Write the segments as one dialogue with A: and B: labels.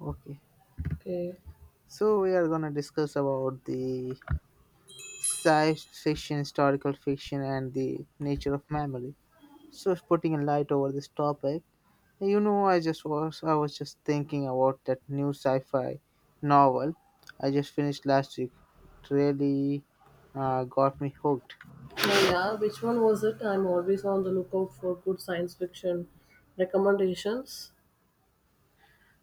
A: Okay,
B: Okay.
A: so we are gonna discuss about the science fiction, historical fiction, and the nature of memory. So, putting a light over this topic, I was just thinking about that new sci-fi novel I just finished last week. It really got me hooked.
B: Now, yeah, which one was it? I'm always on the lookout for good science fiction recommendations.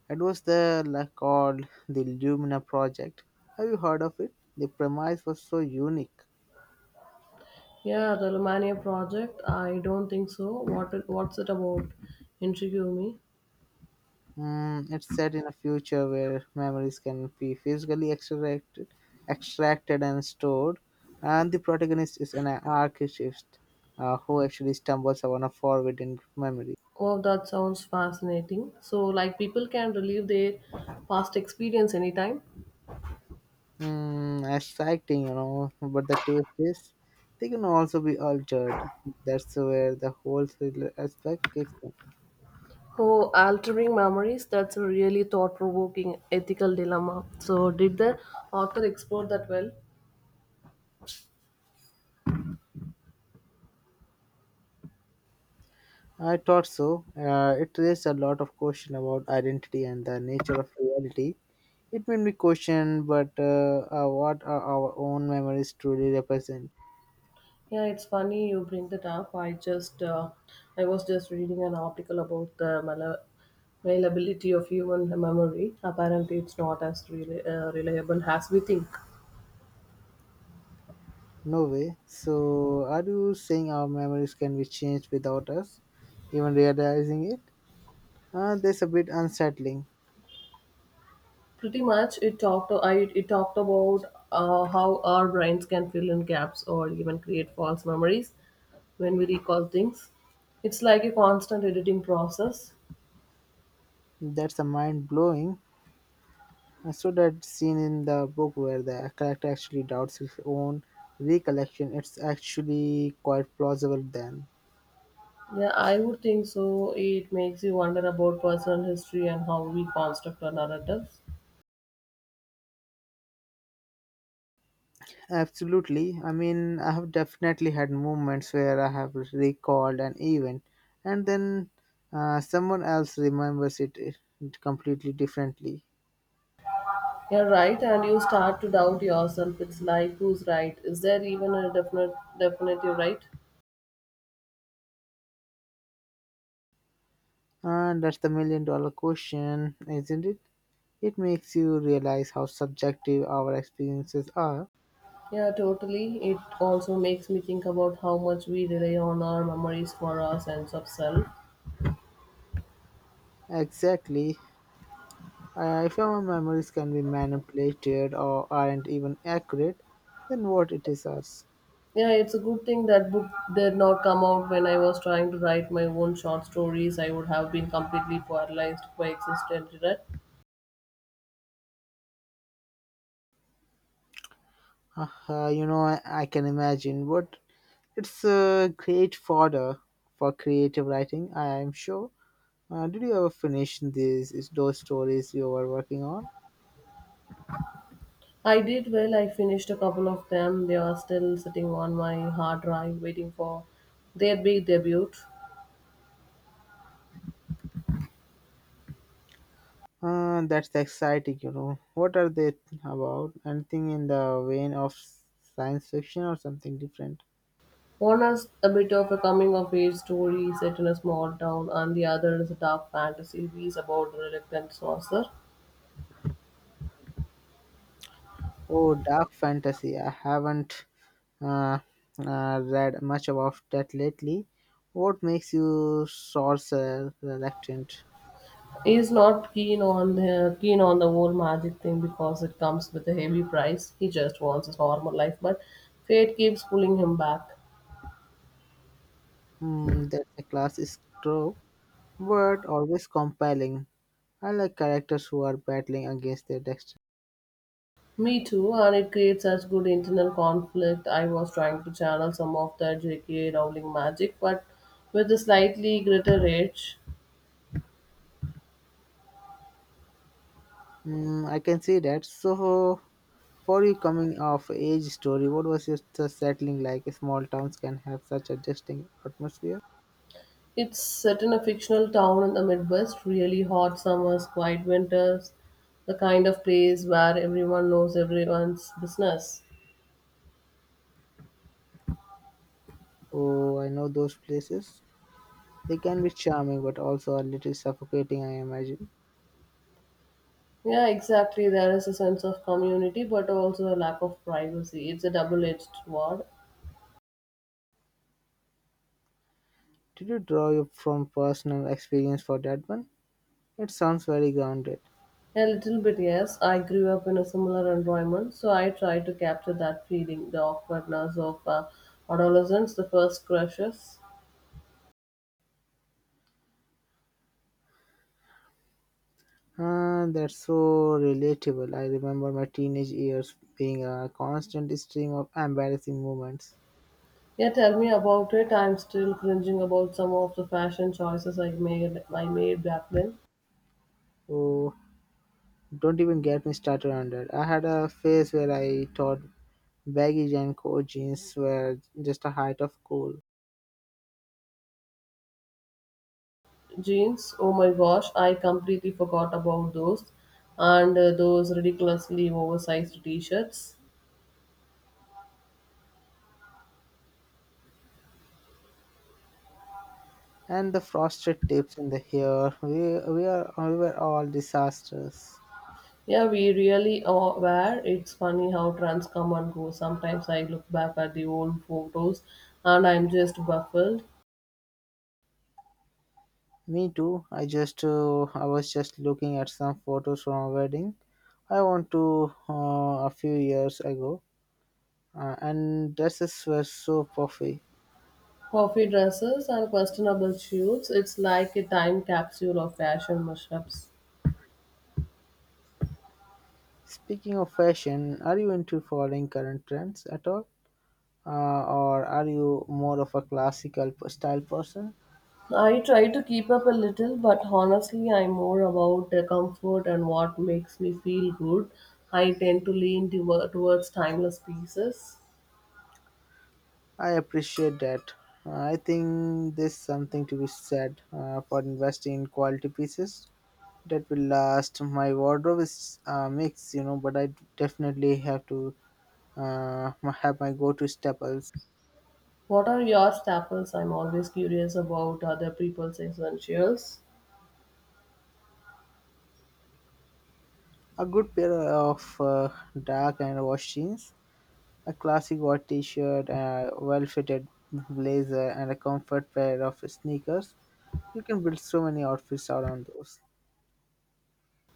A: It was the like called the Lumina Project. Have you heard of it? The premise was so unique.
B: Yeah, the Romania project. I don't think so. What's it about? Intrigue me.
A: It's set in a future where memories can be physically extracted and stored, and the protagonist is an archivist who actually stumbles upon a forbidden memory.
B: Oh, that sounds fascinating. So, like, people can relive their past experience anytime.
A: Exciting, but the twist is they can also be altered. That's where the whole thriller aspect kicks in.
B: Oh, altering memories. That's a really thought-provoking ethical dilemma. So, did the author explore that well?
A: I thought so. It raised a lot of question about identity and the nature of reality. It may be questioned, but what are our own memories truly represent?
B: Yeah, it's funny you bring that up. I was just reading an article about the malleability of human memory. Apparently, it's not as reliable as we think.
A: No way. So, are you saying our memories can be changed without us even realizing it? That's a bit unsettling.
B: Pretty much, it talked. I it talked about how our brains can fill in gaps or even create false memories when we recall things. It's like a constant editing process.
A: That's a mind blowing. I saw that scene in the book where the character actually doubts his own recollection. It's actually quite plausible then.
B: Yeah, I would think so. It makes you wonder about personal history and how we construct our narratives.
A: Absolutely. I mean, I have definitely had moments where I have recalled an event and then someone else remembers it completely differently.
B: You're right, and you start to doubt yourself. It's like, who's right? Is there even a definitive right?
A: And that's the million dollar question, isn't it? It makes you realize how subjective our experiences are.
B: Yeah, totally. It also makes me think about how much we rely on our memories for our sense of self.
A: Exactly. If our memories can be manipulated or aren't even accurate, then what it is us.
B: Yeah, it's a good thing that book did not come out when I was trying to write my own short stories. I would have been completely paralyzed by existent regret.
A: I can imagine what. It's a great fodder for creative writing, I am sure. Did you ever finish these is those stories you were working on?
B: I did well. I finished a couple of them. They are still sitting on my hard drive waiting for their big debut.
A: That's exciting. What are they about? Anything in the vein of science fiction or something different?
B: One is a bit of a coming of age story set in a small town, and the other is a dark fantasy piece about a reluctant sorcerer.
A: Oh, dark fantasy. I haven't uh, read much about that lately. What makes you sorcerer reluctant?
B: He is not keen on the keen on the whole magic thing because it comes with a heavy price. He just wants his normal life, but fate keeps pulling him back.
A: That's a classic trope, but always compelling. I like characters who are battling against their destiny.
B: Me too, and it creates such good internal conflict. I was trying to channel some of that J.K. Rowling magic, but with a slightly greater edge.
A: I can see that. So, for you coming of age story, what was your the settling like? Small towns can have such a distinct atmosphere.
B: It's set in a fictional town in the Midwest, really hot summers, quiet winters, the kind of place where everyone knows everyone's business.
A: Oh, I know those places. They can be charming, but also a little suffocating, I imagine.
B: Yeah, exactly. There is a sense of community, but also a lack of privacy. It's a double edged sword.
A: Did you draw from personal experience for that one? It sounds very grounded.
B: A little bit, yes. I grew up in a similar environment, so I try to capture that feeling, the awkwardness of adolescence, the first crushes.
A: Ah, that's so relatable. I remember my teenage years being a constant stream of embarrassing moments.
B: Yeah, tell me about it. I'm still cringing about some of the fashion choices I made back then.
A: Oh, don't even get me started on that. I had a phase where I thought baggy Janko jeans were just a height of cool.
B: Jeans, oh my gosh, I completely forgot about those. And those ridiculously oversized t shirts.
A: And the frosted tips in the hair, we were all disasters.
B: Yeah, we really are were. It's funny how trends come and go. Sometimes I look back at the old photos and I'm just baffled.
A: Me too. I was just looking at some photos from a wedding I went to a few years ago, and dresses were so puffy.
B: Coffee dresses and questionable shoes. It's like a time capsule of fashion mashups.
A: Speaking of fashion, are you into following current trends at all? Or are you more of a classical style person?
B: I try to keep up a little, but honestly, I'm more about the comfort and what makes me feel good. I tend to lean towards timeless pieces.
A: I appreciate that. I think there's something to be said for investing in quality pieces that will last. My wardrobe is mixed, but I definitely have to have my go-to staples.
B: What are your staples? I'm always curious about other people's essentials.
A: A good pair of dark and wash jeans, a classic white t-shirt, a well-fitted blazer, and a comfort pair of sneakers. You can build so many outfits around those.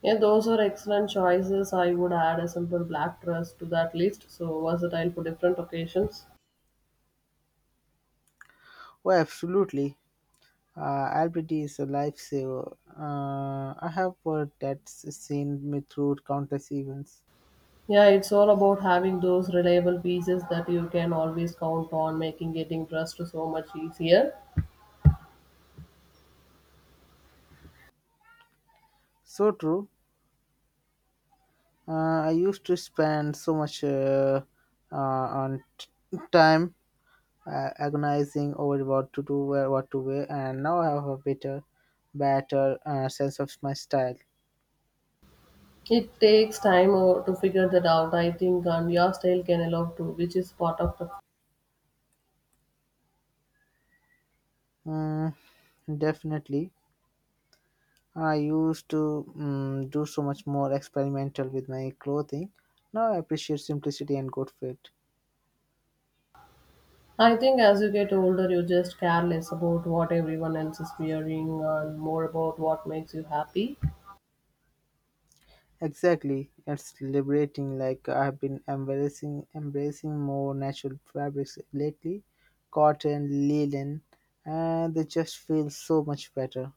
B: Yeah, those are excellent choices. I would add a simple black dress to that list, so versatile for different occasions.
A: Well, absolutely. Albert is a lifesaver. I have heard that's seen me through countless events.
B: Yeah, it's all about having those reliable pieces that you can always count on, making getting dressed so much easier.
A: So true. I used to spend so much on time agonizing over what to do, where, what to wear, and now I have a better sense of my style.
B: It takes to figure that out, I think, and your style can evolve too, which is part of the.
A: Mm, definitely. I used to do so much more experimental with my clothing. Now I appreciate simplicity and good fit.
B: I think as you get older, you just care less about what everyone else is wearing and more about what makes you happy.
A: Exactly, it's liberating. Like I've been embracing more natural fabrics lately, cotton, linen, and they just feel so much better.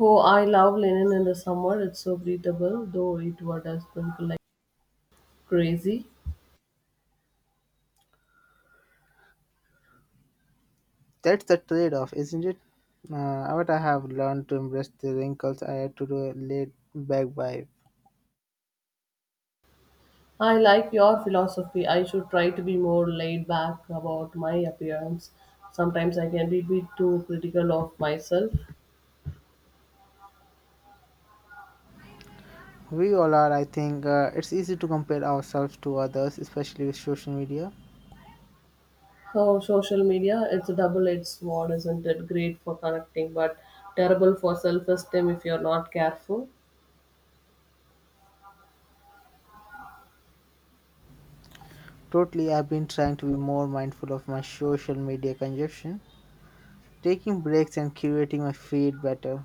B: Oh, I love linen in the summer. It's so breathable, though it would have sprinkle like crazy.
A: That's the trade-off, isn't it? What I have learned to embrace the wrinkles I had to do a laid back vibe.
B: I like your philosophy. I should try to be more laid back about my appearance. Sometimes I can be a bit too critical of myself.
A: We all are, I think. It's easy to compare ourselves to others, especially with social media.
B: Oh, social media, it's a double edged sword, isn't it? Great for connecting, but terrible for self esteem if you're not careful.
A: Totally, I've been trying to be more mindful of my social media consumption, taking breaks and curating my feed better.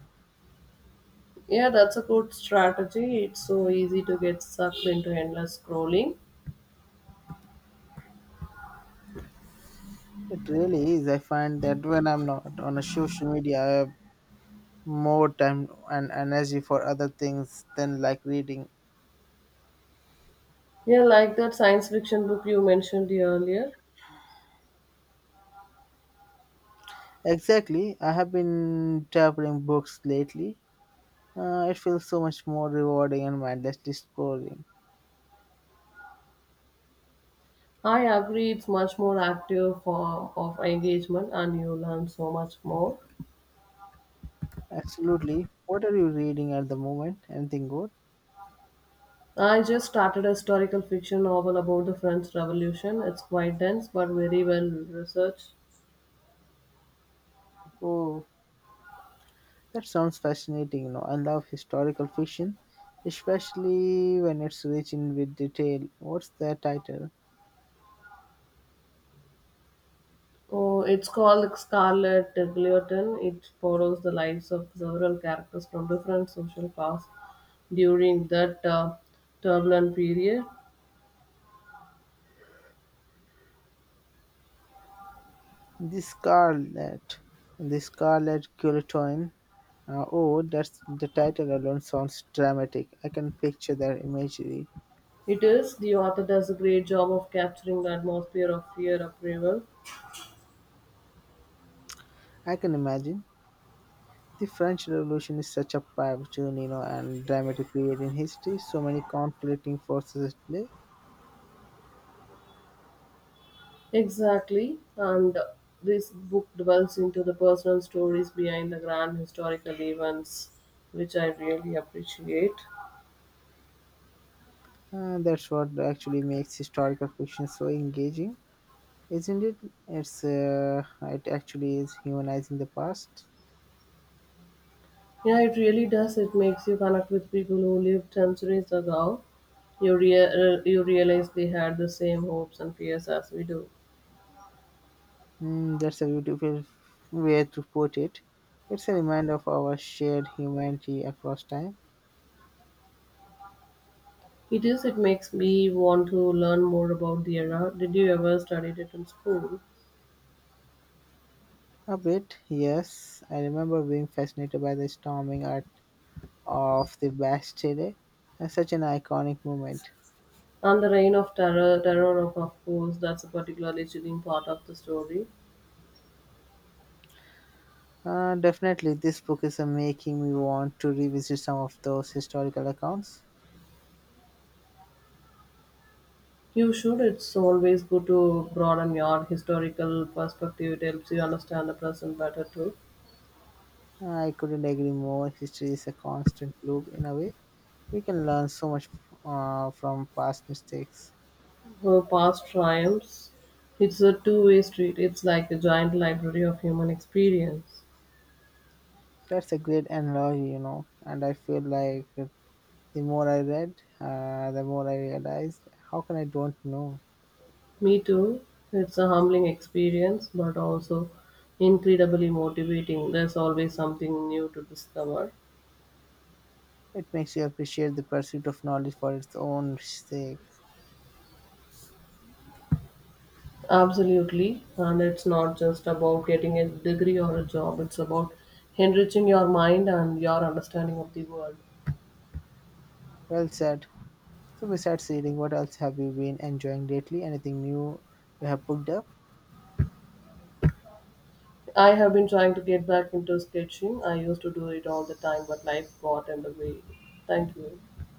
B: Yeah, that's a good strategy. It's so easy to get sucked into endless scrolling.
A: It really is. I find that when I'm not on a social media, I have more time and energy for other things than like reading.
B: Yeah, like that science fiction book you mentioned earlier.
A: Exactly. I have been devouring books lately. It feels so much more rewarding and mindlessly scrolling.
B: I agree, it's much more active form of engagement and you learn so much more.
A: Absolutely. What are you reading at the moment? Anything good?
B: I just started a historical fiction novel about the French Revolution. It's quite dense but very well researched.
A: Oh, that sounds fascinating. I love historical fiction, especially when it's rich in with detail. What's the title?
B: Oh, it's called like Scarlet Gluten. It follows the lives of several characters from different social class during that turbulent period.
A: The Scarlet, The Scarlet Guillotine. Oh, that's the title alone sounds dramatic. I can picture that imagery.
B: It is, the author does a great job of capturing the atmosphere of fear upheaval.
A: I can imagine. The French Revolution is such a pivotal, and dramatic period in history. So many conflicting forces at play.
B: Exactly, and this book dwells into the personal stories behind the grand historical events, which I really appreciate.
A: That's what actually makes historical fiction so engaging, isn't it? It actually is humanizing the past.
B: Yeah, it really does. It makes you connect with people who lived centuries ago. You realize they had the same hopes and fears as we do.
A: That's a beautiful way to put it. It's a reminder of our shared humanity across time.
B: It is, it makes me want to learn more about the era. Did you ever study it in school?
A: A bit, yes. I remember being fascinated by the storming art of the Bastille. Such an iconic moment.
B: And the reign of terror, of course, that's a particularly chilling part of the story.
A: Definitely, this book is making me want to revisit some of those historical accounts.
B: You should, it's always good to broaden your historical perspective. It helps you understand the present better too.
A: I couldn't agree more. History is a constant loop in a way. We can learn so much from past mistakes.
B: Her past triumphs. It's a two-way street. It's like a giant library of human experience.
A: That's a great analogy. And I feel like the more I read, the more I realized how can I don't know?
B: Me too. It's a humbling experience, but also incredibly motivating. There's always something new to discover.
A: It makes you appreciate the pursuit of knowledge for its own sake.
B: Absolutely. And it's not just about getting a degree or a job, it's about enriching your mind and your understanding of the world.
A: Well said. So, besides reading, what else have you been enjoying lately? Anything new you have picked up?
B: I have been trying to get back into sketching. I used to do it all the time, but life got in the way. Thank you.